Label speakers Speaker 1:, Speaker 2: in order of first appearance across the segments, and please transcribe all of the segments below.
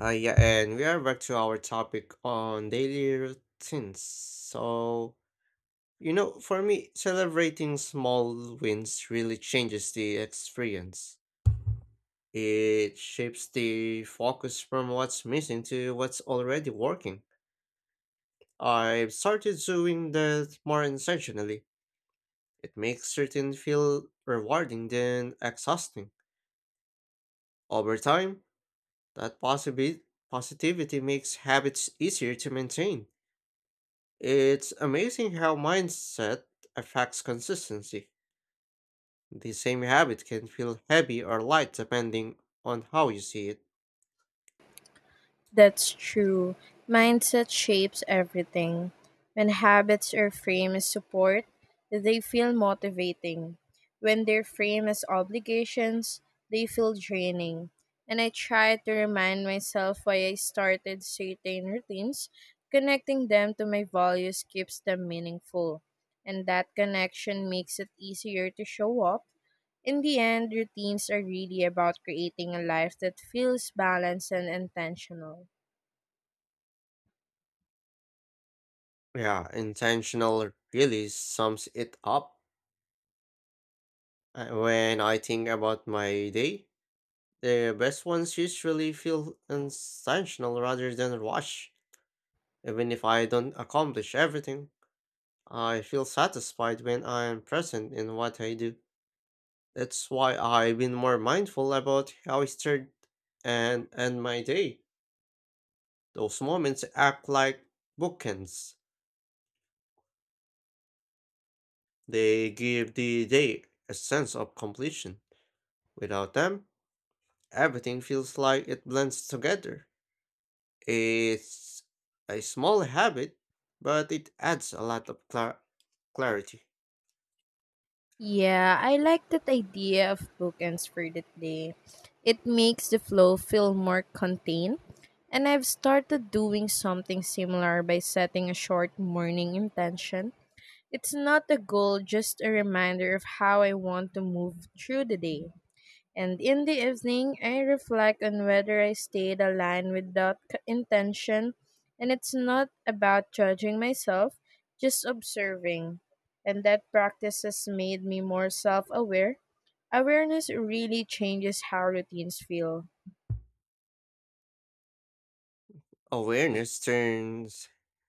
Speaker 1: Yeah, and we are back to our topic on daily routines. So, you know, for me, celebrating small wins really changes the experience. It shifts the focus from what's missing to what's already working. I've started doing that more intentionally. It makes certain feel rewarding than exhausting. Over time, that positivity makes habits easier to maintain. It's amazing how mindset affects consistency. The same habit can feel heavy or light depending on how you see it.
Speaker 2: That's true. Mindset shapes everything. When habits are framed as support, they feel motivating. When they're framed as obligations, they feel draining. And I try to remind myself why I started certain routines. Connecting them to my values keeps them meaningful. And that connection makes it easier to show up. In the end, routines are really about creating a life that feels balanced and intentional.
Speaker 1: Yeah, intentional really sums it up. When I think about my day, the best ones usually feel intentional rather than rushed. Even if I don't accomplish everything, I feel satisfied when I am present in what I do. That's why I've been more mindful about how I start and end my day. Those moments act like bookends. They give the day a sense of completion. Without them, everything feels like it blends together. It's a small habit, but it adds a lot of clarity.
Speaker 2: Yeah, I like that idea of bookends for the day. It makes the flow feel more contained, and I've started doing something similar by setting a short morning intention. It's not a goal, just a reminder of how I want to move through the day. And in the evening, I reflect on whether I stayed aligned without intention. And it's not about judging myself, just observing. And that practice has made me more self aware. Awareness really changes how routines feel.
Speaker 1: Awareness turns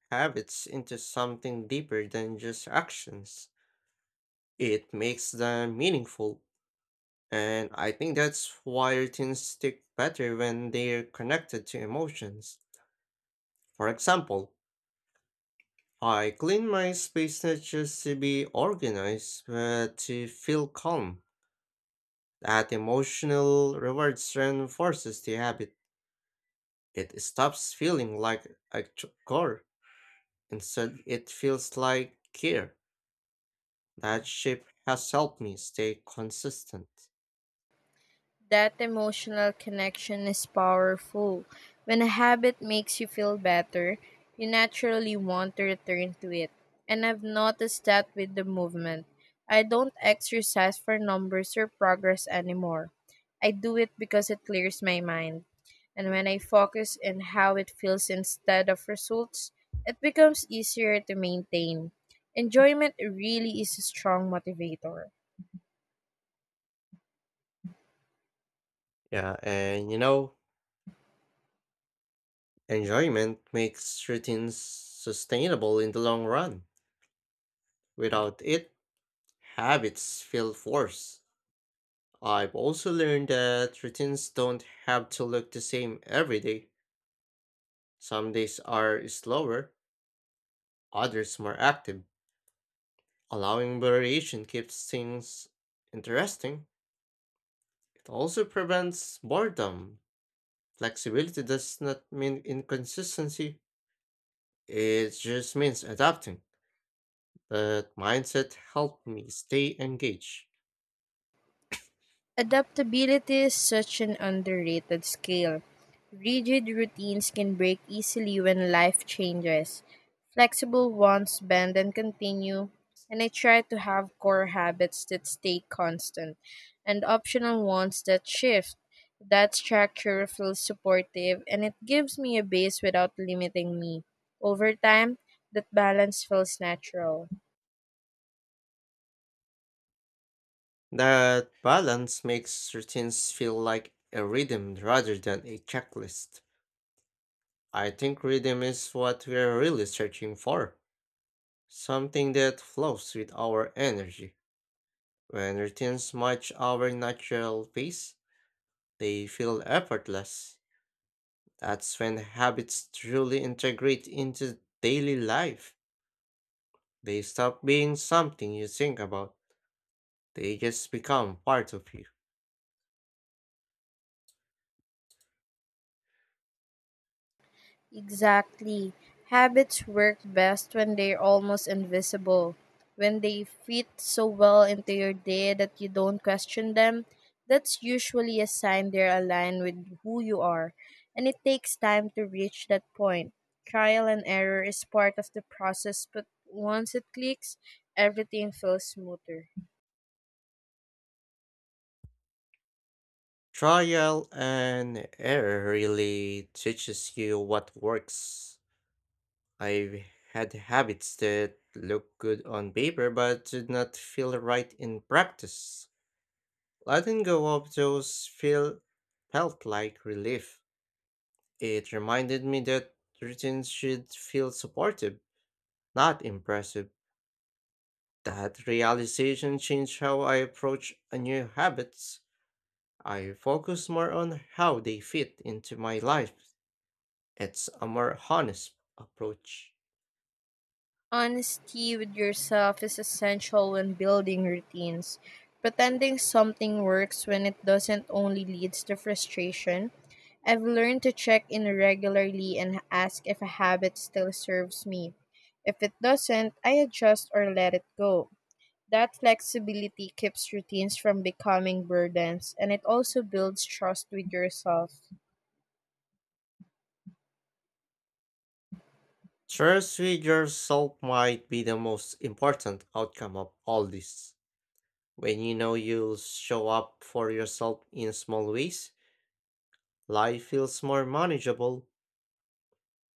Speaker 1: habits into something deeper than just actions. It makes them meaningful. And I think that's why routines stick better when they're connected to emotions. For example, I clean my space not just to be organized, but to feel calm. That emotional reward reinforces the habit. It stops feeling like a chore. Instead, it feels like care. That shape has helped me stay consistent.
Speaker 2: That emotional connection is powerful. When a habit makes you feel better, you naturally want to return to it. And I've noticed that with the movement. I don't exercise for numbers or progress anymore. I do it because it clears my mind. And when I focus on how it feels instead of results, it becomes easier to maintain. Enjoyment really is a strong motivator.
Speaker 1: Yeah, and you know, enjoyment makes routines sustainable in the long run. Without it, habits feel forced. I've also learned that routines don't have to look the same every day. Some days are slower, others more active. Allowing variation keeps things interesting. It also prevents boredom. Flexibility does not mean inconsistency, it just means adapting. That mindset helped me stay engaged.
Speaker 2: Adaptability is such an underrated skill. Rigid routines can break easily when life changes. Flexible ones bend and continue, and I try to have core habits that stay constant and optional ones that shift. That structure feels supportive and it gives me a base without limiting me. Over time, that balance feels natural.
Speaker 1: That balance makes routines feel like a rhythm rather than a checklist. I think rhythm is what we're really searching for, something that flows with our energy. When routines match our natural pace, they feel effortless. That's when habits truly integrate into daily life. They stop being something you think about, they just become part of you.
Speaker 2: Exactly. Habits work best when they're almost invisible. When they fit so well into your day that you don't question them, that's usually a sign they're aligned with who you are. And it takes time to reach that point. Trial and error is part of the process, but once it clicks, everything feels smoother.
Speaker 1: Trial and error really teaches you what works. I've had habits that look good on paper but did not feel right in practice. Letting go of those feel felt like relief. It reminded me that routines should feel supportive, not impressive. That realization changed how I approach a new habits. I focus more on how they fit into my life. It's a more honest approach.
Speaker 2: Honesty with yourself is essential when building routines. Pretending something works when it doesn't only leads to frustration. I've learned to check in regularly and ask if a habit still serves me. If it doesn't, I adjust or let it go. That flexibility keeps routines from becoming burdens and it also builds trust with yourself.
Speaker 1: Trust with yourself might be the most important outcome of all this. When you know you'll show up for yourself in small ways, life feels more manageable.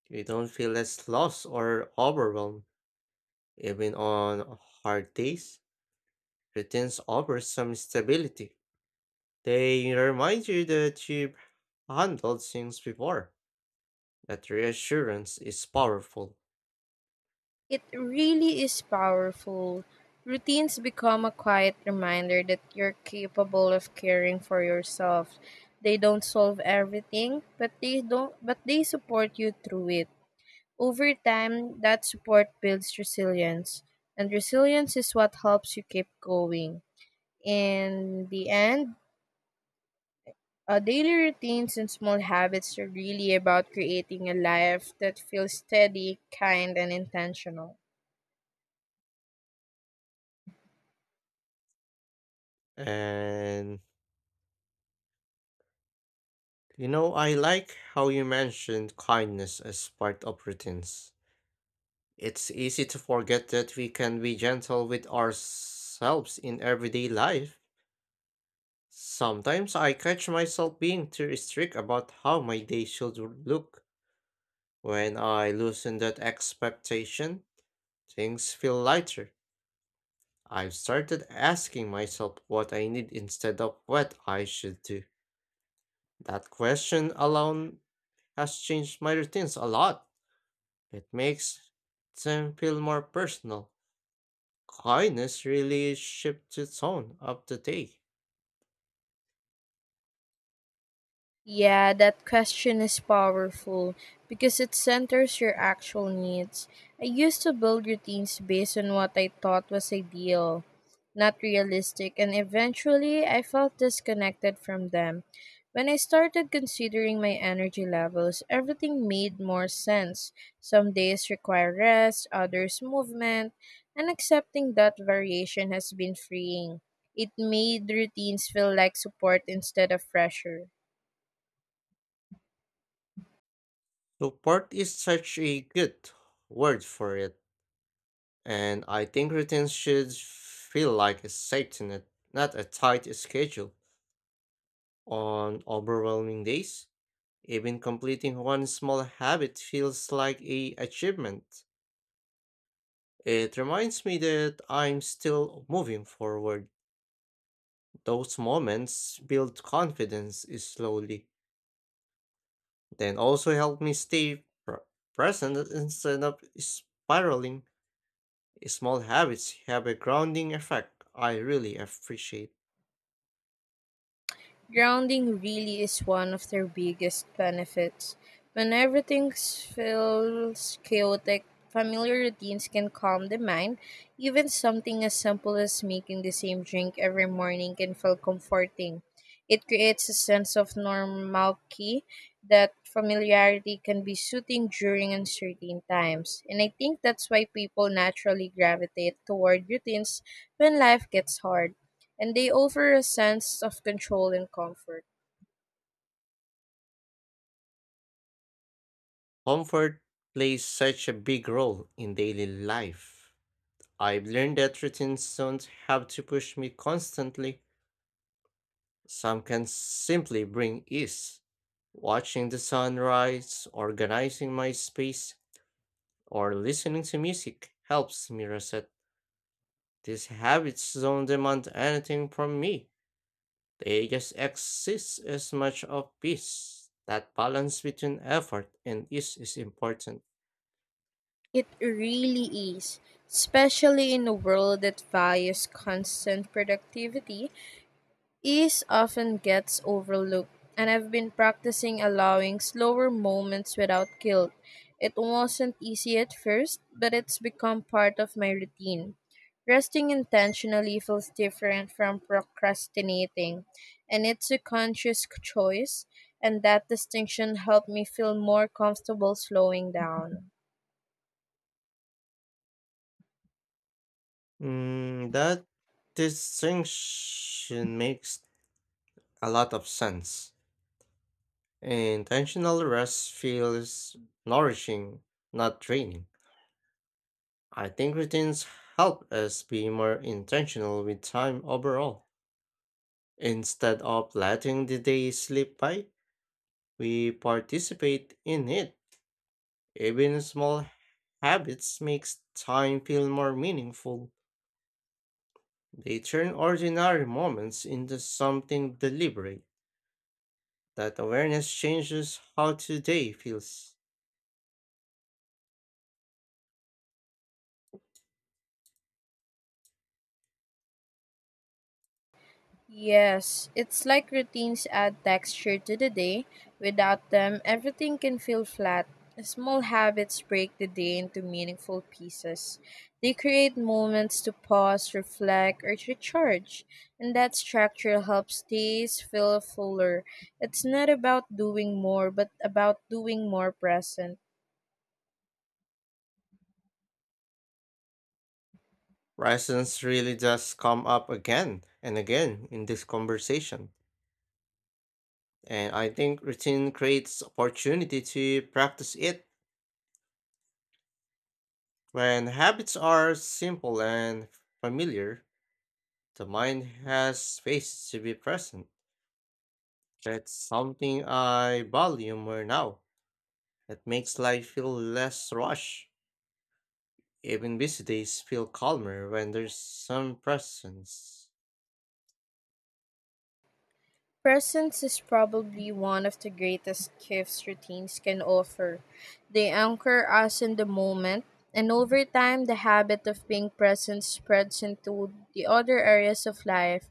Speaker 1: You don't feel as lost or overwhelmed. Even on hard days, routines offer some stability. They remind you that you've handled things before. That reassurance is powerful.
Speaker 2: It really is powerful. Routines become a quiet reminder that you're capable of caring for yourself. They don't solve everything, but they don't but they support you through it. Over time, that support builds resilience, and resilience is what helps you keep going. In the end, daily routines and small habits are really about creating a life that feels steady, kind, and intentional.
Speaker 1: And you know, I like how you mentioned kindness as part of routines. It's easy to forget that we can be gentle with ourselves in everyday life. Sometimes I catch myself being too strict about how my day should look. When I loosen that expectation, things feel lighter. I've started asking myself what I need instead of what I should do. That question alone has changed my routines a lot. It makes them feel more personal. Kindness really shifts the tone of the day.
Speaker 2: Yeah, that question is powerful because it centers your actual needs. I used to build routines based on what I thought was ideal, not realistic, and eventually I felt disconnected from them. When I started considering my energy levels, everything made more sense. Some days require rest, others movement, and accepting that variation has been freeing. It made routines feel like support instead of pressure.
Speaker 1: Support is such a good word for it, and I think routines should feel like a safety net, not a tight schedule. On overwhelming days, even completing one small habit feels like a achievement. It reminds me that I'm still moving forward. Those moments build confidence slowly. Then also help me stay present instead of spiraling. Small habits have a grounding effect I really appreciate.
Speaker 2: Grounding really is one of their biggest benefits. When everything feels chaotic, familiar routines can calm the mind. Even something as simple as making the same drink every morning can feel comforting. It creates a sense of normalcy that familiarity can be soothing during uncertain times. And I think that's why people naturally gravitate toward routines when life gets hard and they offer a sense of control and comfort.
Speaker 1: Comfort plays such a big role in daily life. I've learned that routines don't have to push me constantly, some can simply bring ease. Watching the sunrise, organizing my space, or listening to music helps me reset. These habits don't demand anything from me. The ages exist as much of peace. That balance between effort and ease is important.
Speaker 2: It really is, especially in a world that values constant productivity. Ease often gets overlooked, and I've been practicing allowing slower moments without guilt. It wasn't easy at first, but it's become part of my routine. Resting intentionally feels different from procrastinating, and it's a conscious choice, and that distinction helped me feel more comfortable slowing down.
Speaker 1: That distinction makes a lot of sense. Intentional rest feels nourishing, not draining. I think routines help us be more intentional with time overall. Instead of letting the day slip by, we participate in it. Even small habits makes time feel more meaningful. They turn ordinary moments into something deliberate. That awareness changes how today feels.
Speaker 2: Yes, it's like routines add texture to the day. Without them, everything can feel flat. Small habits break the day into meaningful pieces. They create moments to pause, reflect, or recharge. And that structure helps days feel fuller. It's not about doing more, but about doing more present.
Speaker 1: Presence really does come up again and again in this conversation. And I think routine creates opportunity to practice it. When habits are simple and familiar, the mind has space to be present. That's something I value more now. It makes life feel less rushed. Even busy days feel calmer when there's some presence.
Speaker 2: Presence is probably one of the greatest gifts routines can offer. They anchor us in the moment, and over time, the habit of being present spreads into the other areas of life.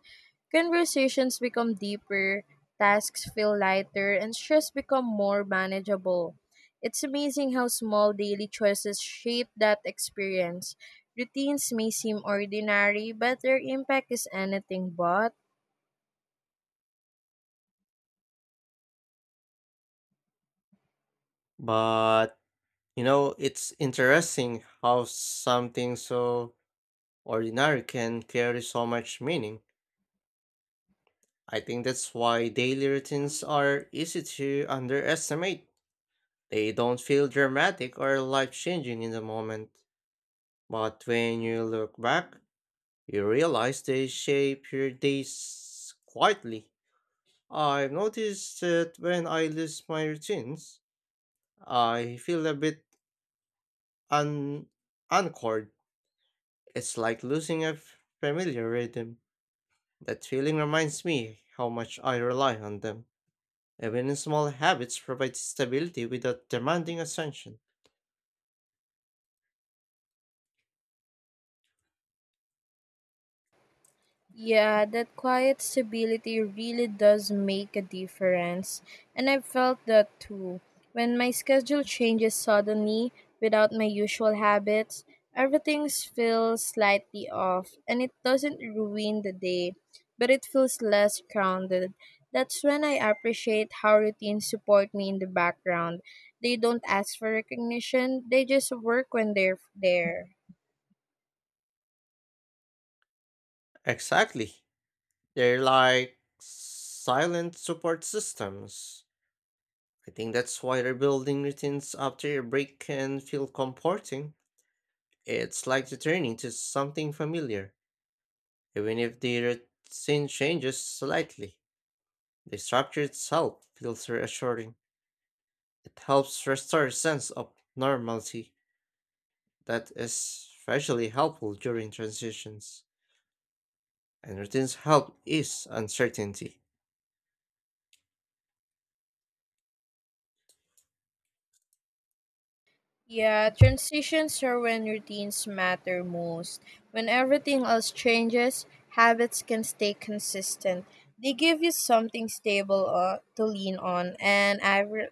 Speaker 2: Conversations become deeper, tasks feel lighter, and stress become more manageable. It's amazing how small daily choices shape that experience. Routines may seem ordinary, but their impact is anything but.
Speaker 1: But, you know, it's interesting how something so ordinary can carry so much meaning. I think that's why daily routines are easy to underestimate. They don't feel dramatic or life changing in the moment. But when you look back, you realize they shape your days quietly. I've noticed that when I lose my routines, I feel a bit un- unanchored. It's like losing a familiar rhythm. That feeling reminds me how much I rely on them. Even small habits provide stability without demanding attention.
Speaker 2: Yeah, that quiet stability really does make a difference. And I've felt that too. When my schedule changes suddenly without my usual habits, everything feels slightly off and it doesn't ruin the day, but it feels less grounded. That's when I appreciate how routines support me in the background. They don't ask for recognition, they just work when they're there.
Speaker 1: Exactly. They're like silent support systems. I think that's why rebuilding routines after a break can feel comforting. It's like returning to something familiar. Even if the routine changes slightly, the structure itself feels reassuring. It helps restore a sense of normalcy that is especially helpful during transitions, and routines help ease uncertainty.
Speaker 2: Yeah, transitions are when routines matter most. When everything else changes, habits can stay consistent. They give you something stable to lean on, and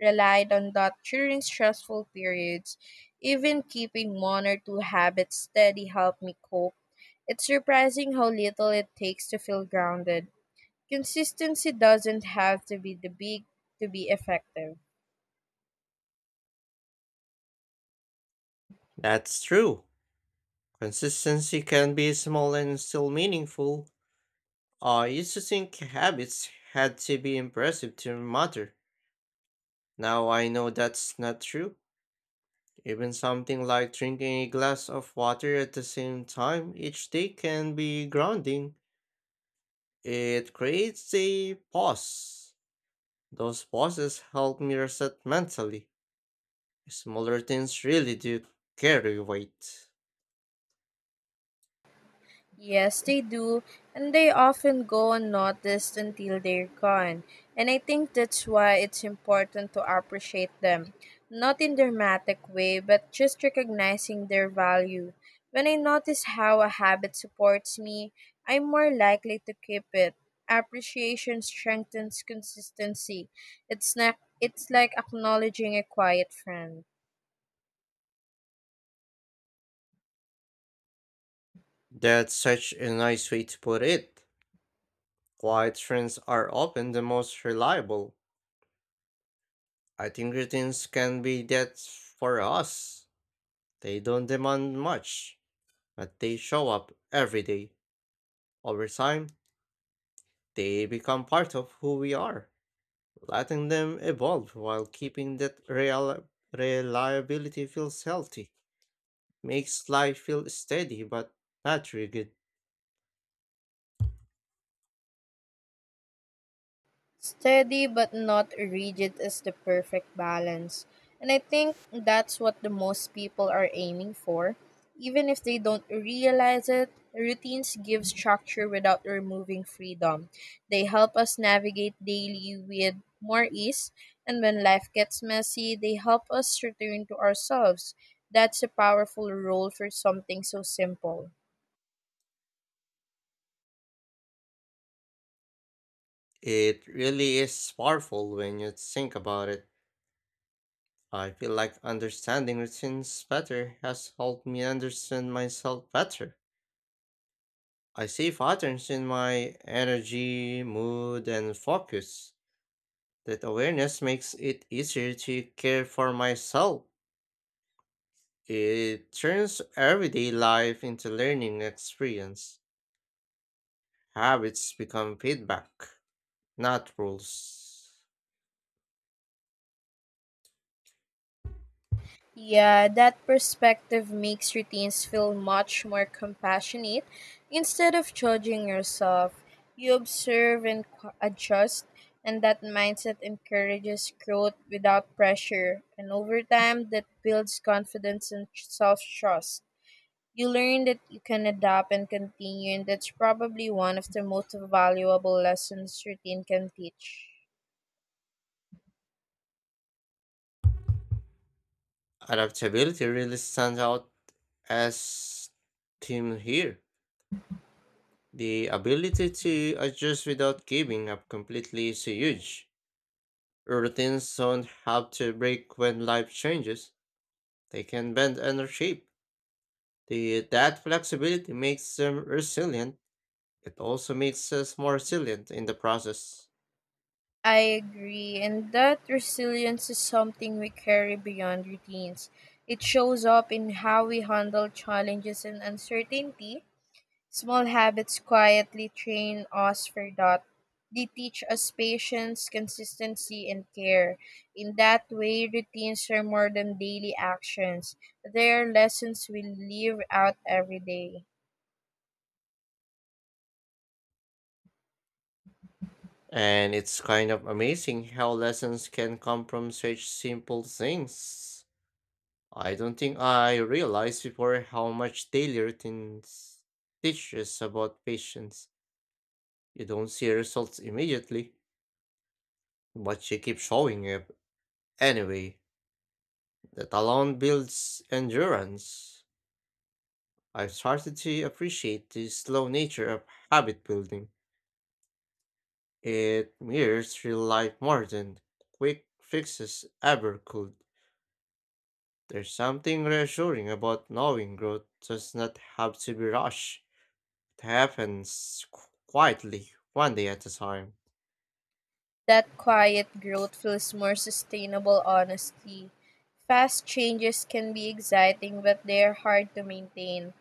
Speaker 2: relied on that during stressful periods. Even keeping one or two habits steady helped me cope. It's surprising how little it takes to feel grounded. Consistency doesn't have to be the big to be effective.
Speaker 1: That's true. Consistency can be small and still meaningful. I used to think habits had to be impressive to matter. Now I know that's not true. Even something like drinking a glass of water at the same time each day can be grounding. It creates a pause. Those pauses help me reset mentally. Smaller things really do carry weight.
Speaker 2: Yes, they do, and they often go unnoticed until they're gone. And I think that's why it's important to appreciate them, not in dramatic way, but just recognizing their value. When I notice how a habit supports me, I'm more likely to keep it. Appreciation strengthens consistency. It's not, it's like acknowledging a quiet friend.
Speaker 1: That's such a nice way to put it. Quiet trends are often the most reliable. I think routines can be that for us. They don't demand much, but they show up every day. Over time, they become part of who we are, letting them evolve while keeping that real reliability feels healthy, makes life feel steady but not rigid.
Speaker 2: Steady but not rigid is the perfect balance. And I think that's what the most people are aiming for. Even if they don't realize it, routines give structure without removing freedom. They help us navigate daily with more ease, and when life gets messy, they help us return to ourselves. That's a powerful role for something so simple.
Speaker 1: It really is powerful when you think about it. I feel like understanding routines better has helped me understand myself better. I see patterns in my energy, mood, and focus. That awareness makes it easier to care for myself. It turns everyday life into learning experience. Habits become feedback, not rules.
Speaker 2: Yeah, that perspective makes routines feel much more compassionate. Instead of judging yourself, you observe and adjust, and that mindset encourages growth without pressure. And over time, that builds confidence and self trust. You learn that you can adapt and continue, and that's probably one of the most valuable lessons routine can teach.
Speaker 1: Adaptability really stands out as team here. The ability to adjust without giving up completely is huge. Routines don't have to break when life changes. They can bend and reshape. That flexibility makes them resilient. It also makes us more resilient in the process.
Speaker 2: I agree, and that resilience is something we carry beyond routines. It shows up in how we handle challenges and uncertainty. Small habits quietly train us for that. They teach us patience, consistency, and care. In that way, routines are more than daily actions, they are lessons we live out every day.
Speaker 1: And it's kind of amazing how lessons can come from such simple things. I don't think I realized before how much daily routines teach us about patience. You don't see results immediately, but you keep showing up anyway. That alone builds endurance. I've started to appreciate the slow nature of habit building. It mirrors real life more than quick fixes ever could. There's something reassuring about knowing growth does not have to be rushed. It happens quietly, one day at a time.
Speaker 2: That quiet growth feels more sustainable, honestly. Fast changes can be exciting, but they're hard to maintain.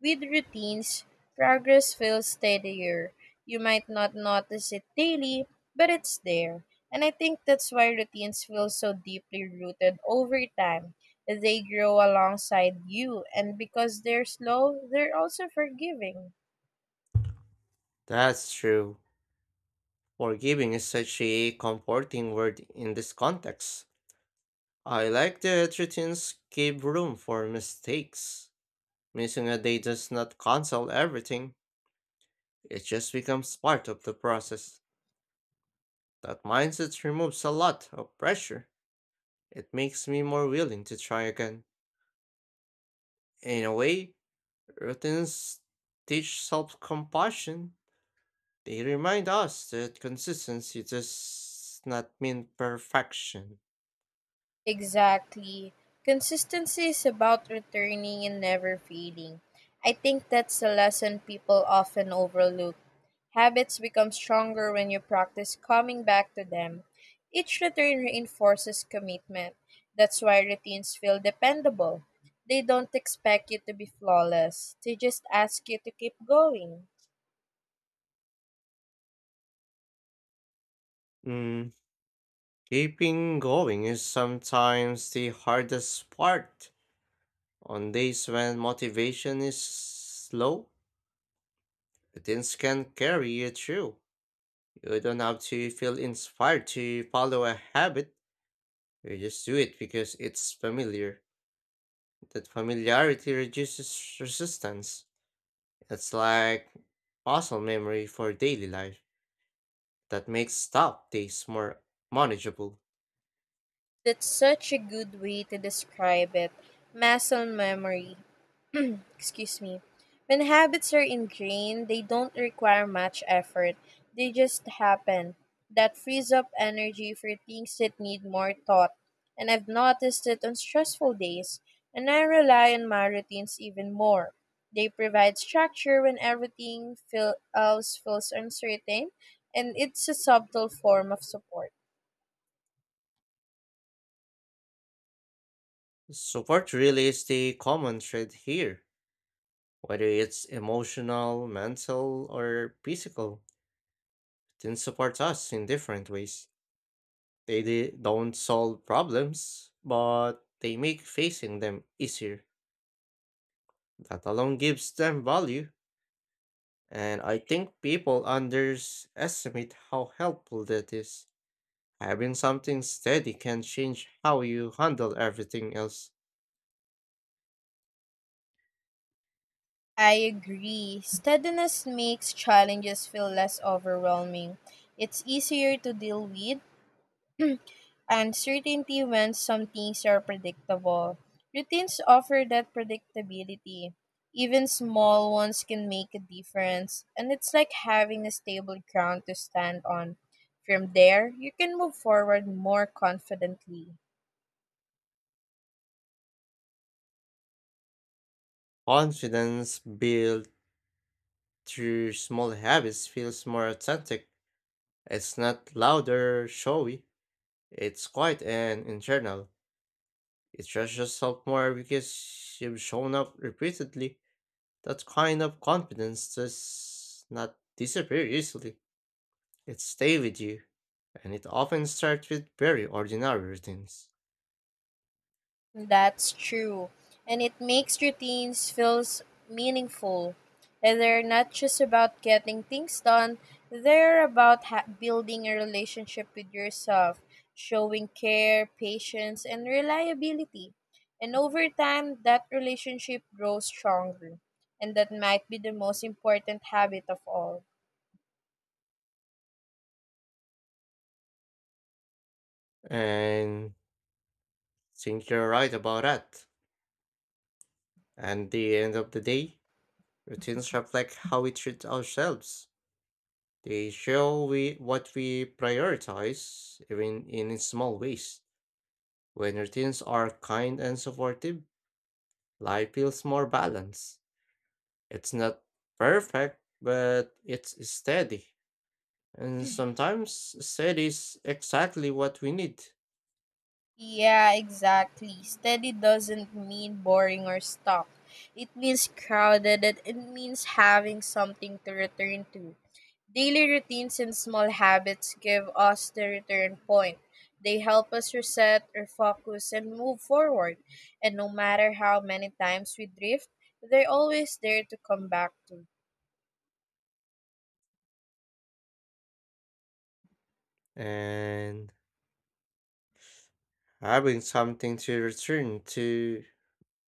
Speaker 2: With routines, progress feels steadier. You might not notice it daily, but it's there. And I think that's why routines feel so deeply rooted over time. They grow alongside you, and because they're slow, they're also forgiving.
Speaker 1: That's true. Forgiving is such a comforting word in this context. I like that routines give room for mistakes. Missing a day does not cancel everything, it just becomes part of the process. That mindset removes a lot of pressure. It makes me more willing to try again. In a way, routines teach self compassion. They remind us that consistency does not mean perfection.
Speaker 2: Exactly. Consistency is about returning and never fading. I think that's a lesson people often overlook. Habits become stronger when you practice coming back to them. Each return reinforces commitment. That's why routines feel dependable. They don't expect you to be flawless, they just ask you to keep going.
Speaker 1: Mm, keeping going is sometimes the hardest part. On days when motivation is low, routines can carry you through. You don't have to feel inspired to follow a habit, you just do it because it's familiar. That familiarity reduces resistance. It's like awesome memory for daily life that makes tough days more manageable.
Speaker 2: That's such a good way to describe it, muscle memory. Excuse me. When habits are ingrained, they don't require much effort, they just happen. That frees up energy for things that need more thought, and I've noticed it on stressful days, and I rely on my routines even more. They provide structure when everything else feels uncertain, and it's a subtle form of support.
Speaker 1: Support really is the common thread here, whether it's emotional, mental, or physical. Then support us in different ways. They don't solve problems, but they make facing them easier. That alone gives them value, and I think people underestimate how helpful that is. Having something steady can change how you handle everything else.
Speaker 2: I agree. Steadiness makes challenges feel less overwhelming. It's easier to deal with, and certainty when some things are predictable. Routines offer that predictability. Even small ones can make a difference, and it's like having a stable ground to stand on. From there, you can move forward more confidently.
Speaker 1: Confidence built through small habits feels more authentic. It's not loud or showy, it's quiet and internal. You trust yourself more because you've shown up repeatedly. That kind of confidence does not disappear easily. It stays with you, and it often starts with very ordinary routines.
Speaker 2: That's true. And it makes routines feels meaningful. And they're not just about getting things done, they're about building a relationship with yourself, showing care, patience, and reliability. And over time, that relationship grows stronger. And that might be the most important habit of all.
Speaker 1: And think you're right about that. And the end of the day, routines reflect how we treat ourselves. They show we what we prioritize, even in small ways. When routines are kind and supportive, life feels more balanced. It's not perfect, but it's steady. And sometimes steady is exactly what we need.
Speaker 2: Yeah, exactly. Steady doesn't mean boring or stuck. It means crowded and it means having something to return to. Daily routines and small habits give us the return point. They help us reset, refocus, and move forward. And no matter how many times we drift, they're always there to come back to.
Speaker 1: And having something to return to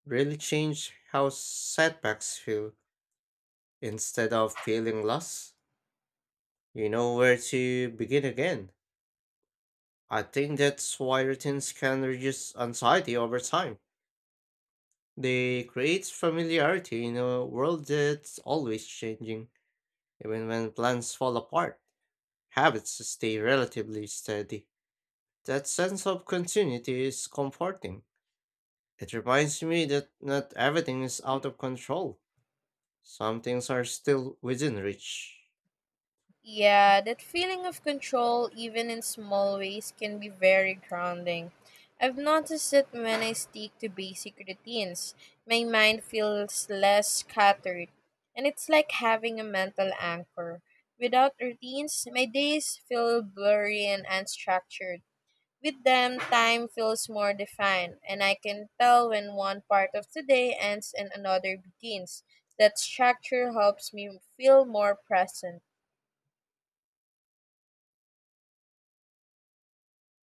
Speaker 1: really change how setbacks feel. Instead of feeling lost, you know where to begin again. I think that's why routines can reduce anxiety over time. They create familiarity in a world that's always changing, even when plans fall apart. Habits stay relatively steady. That sense of continuity is comforting. It reminds me that not everything is out of control. Some things are still within reach.
Speaker 2: Yeah, that feeling of control, even in small ways, can be very grounding. I've noticed that when I stick to basic routines, my mind feels less scattered, and it's like having a mental anchor. Without routines, my days feel blurry and unstructured. With them, time feels more defined, and I can tell when one part of the day ends and another begins. That structure helps me feel more present.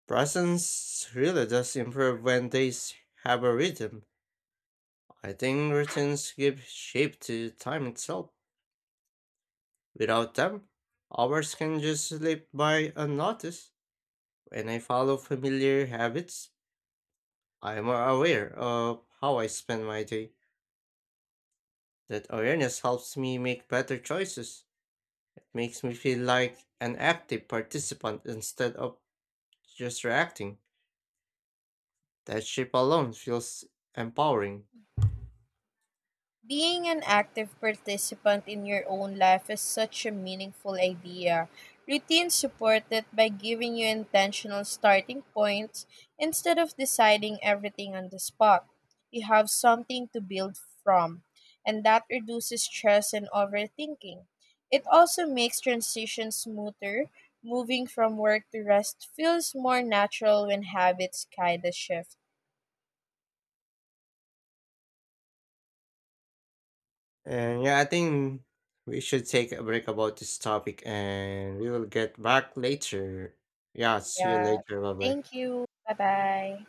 Speaker 1: Presence really does improve when days have a rhythm. I think routines give shape to time itself. Without them, hours can just slip by unnoticed. When I follow familiar habits, I am more aware of how I spend my day. That awareness helps me make better choices. It makes me feel like an active participant instead of just reacting. That shape alone feels empowering.
Speaker 2: Being an active participant in your own life is such a meaningful idea. Routines support it by giving you intentional starting points instead of deciding everything on the spot. You have something to build from, and that reduces stress and overthinking. It also makes transitions smoother. Moving from work to rest feels more natural when habits kind of shift.
Speaker 1: And yeah, I think we should take a break about this topic and we will get back later. Yeah, see you
Speaker 2: Yeah.
Speaker 1: later. Bye bye.
Speaker 2: Thank you. Bye bye.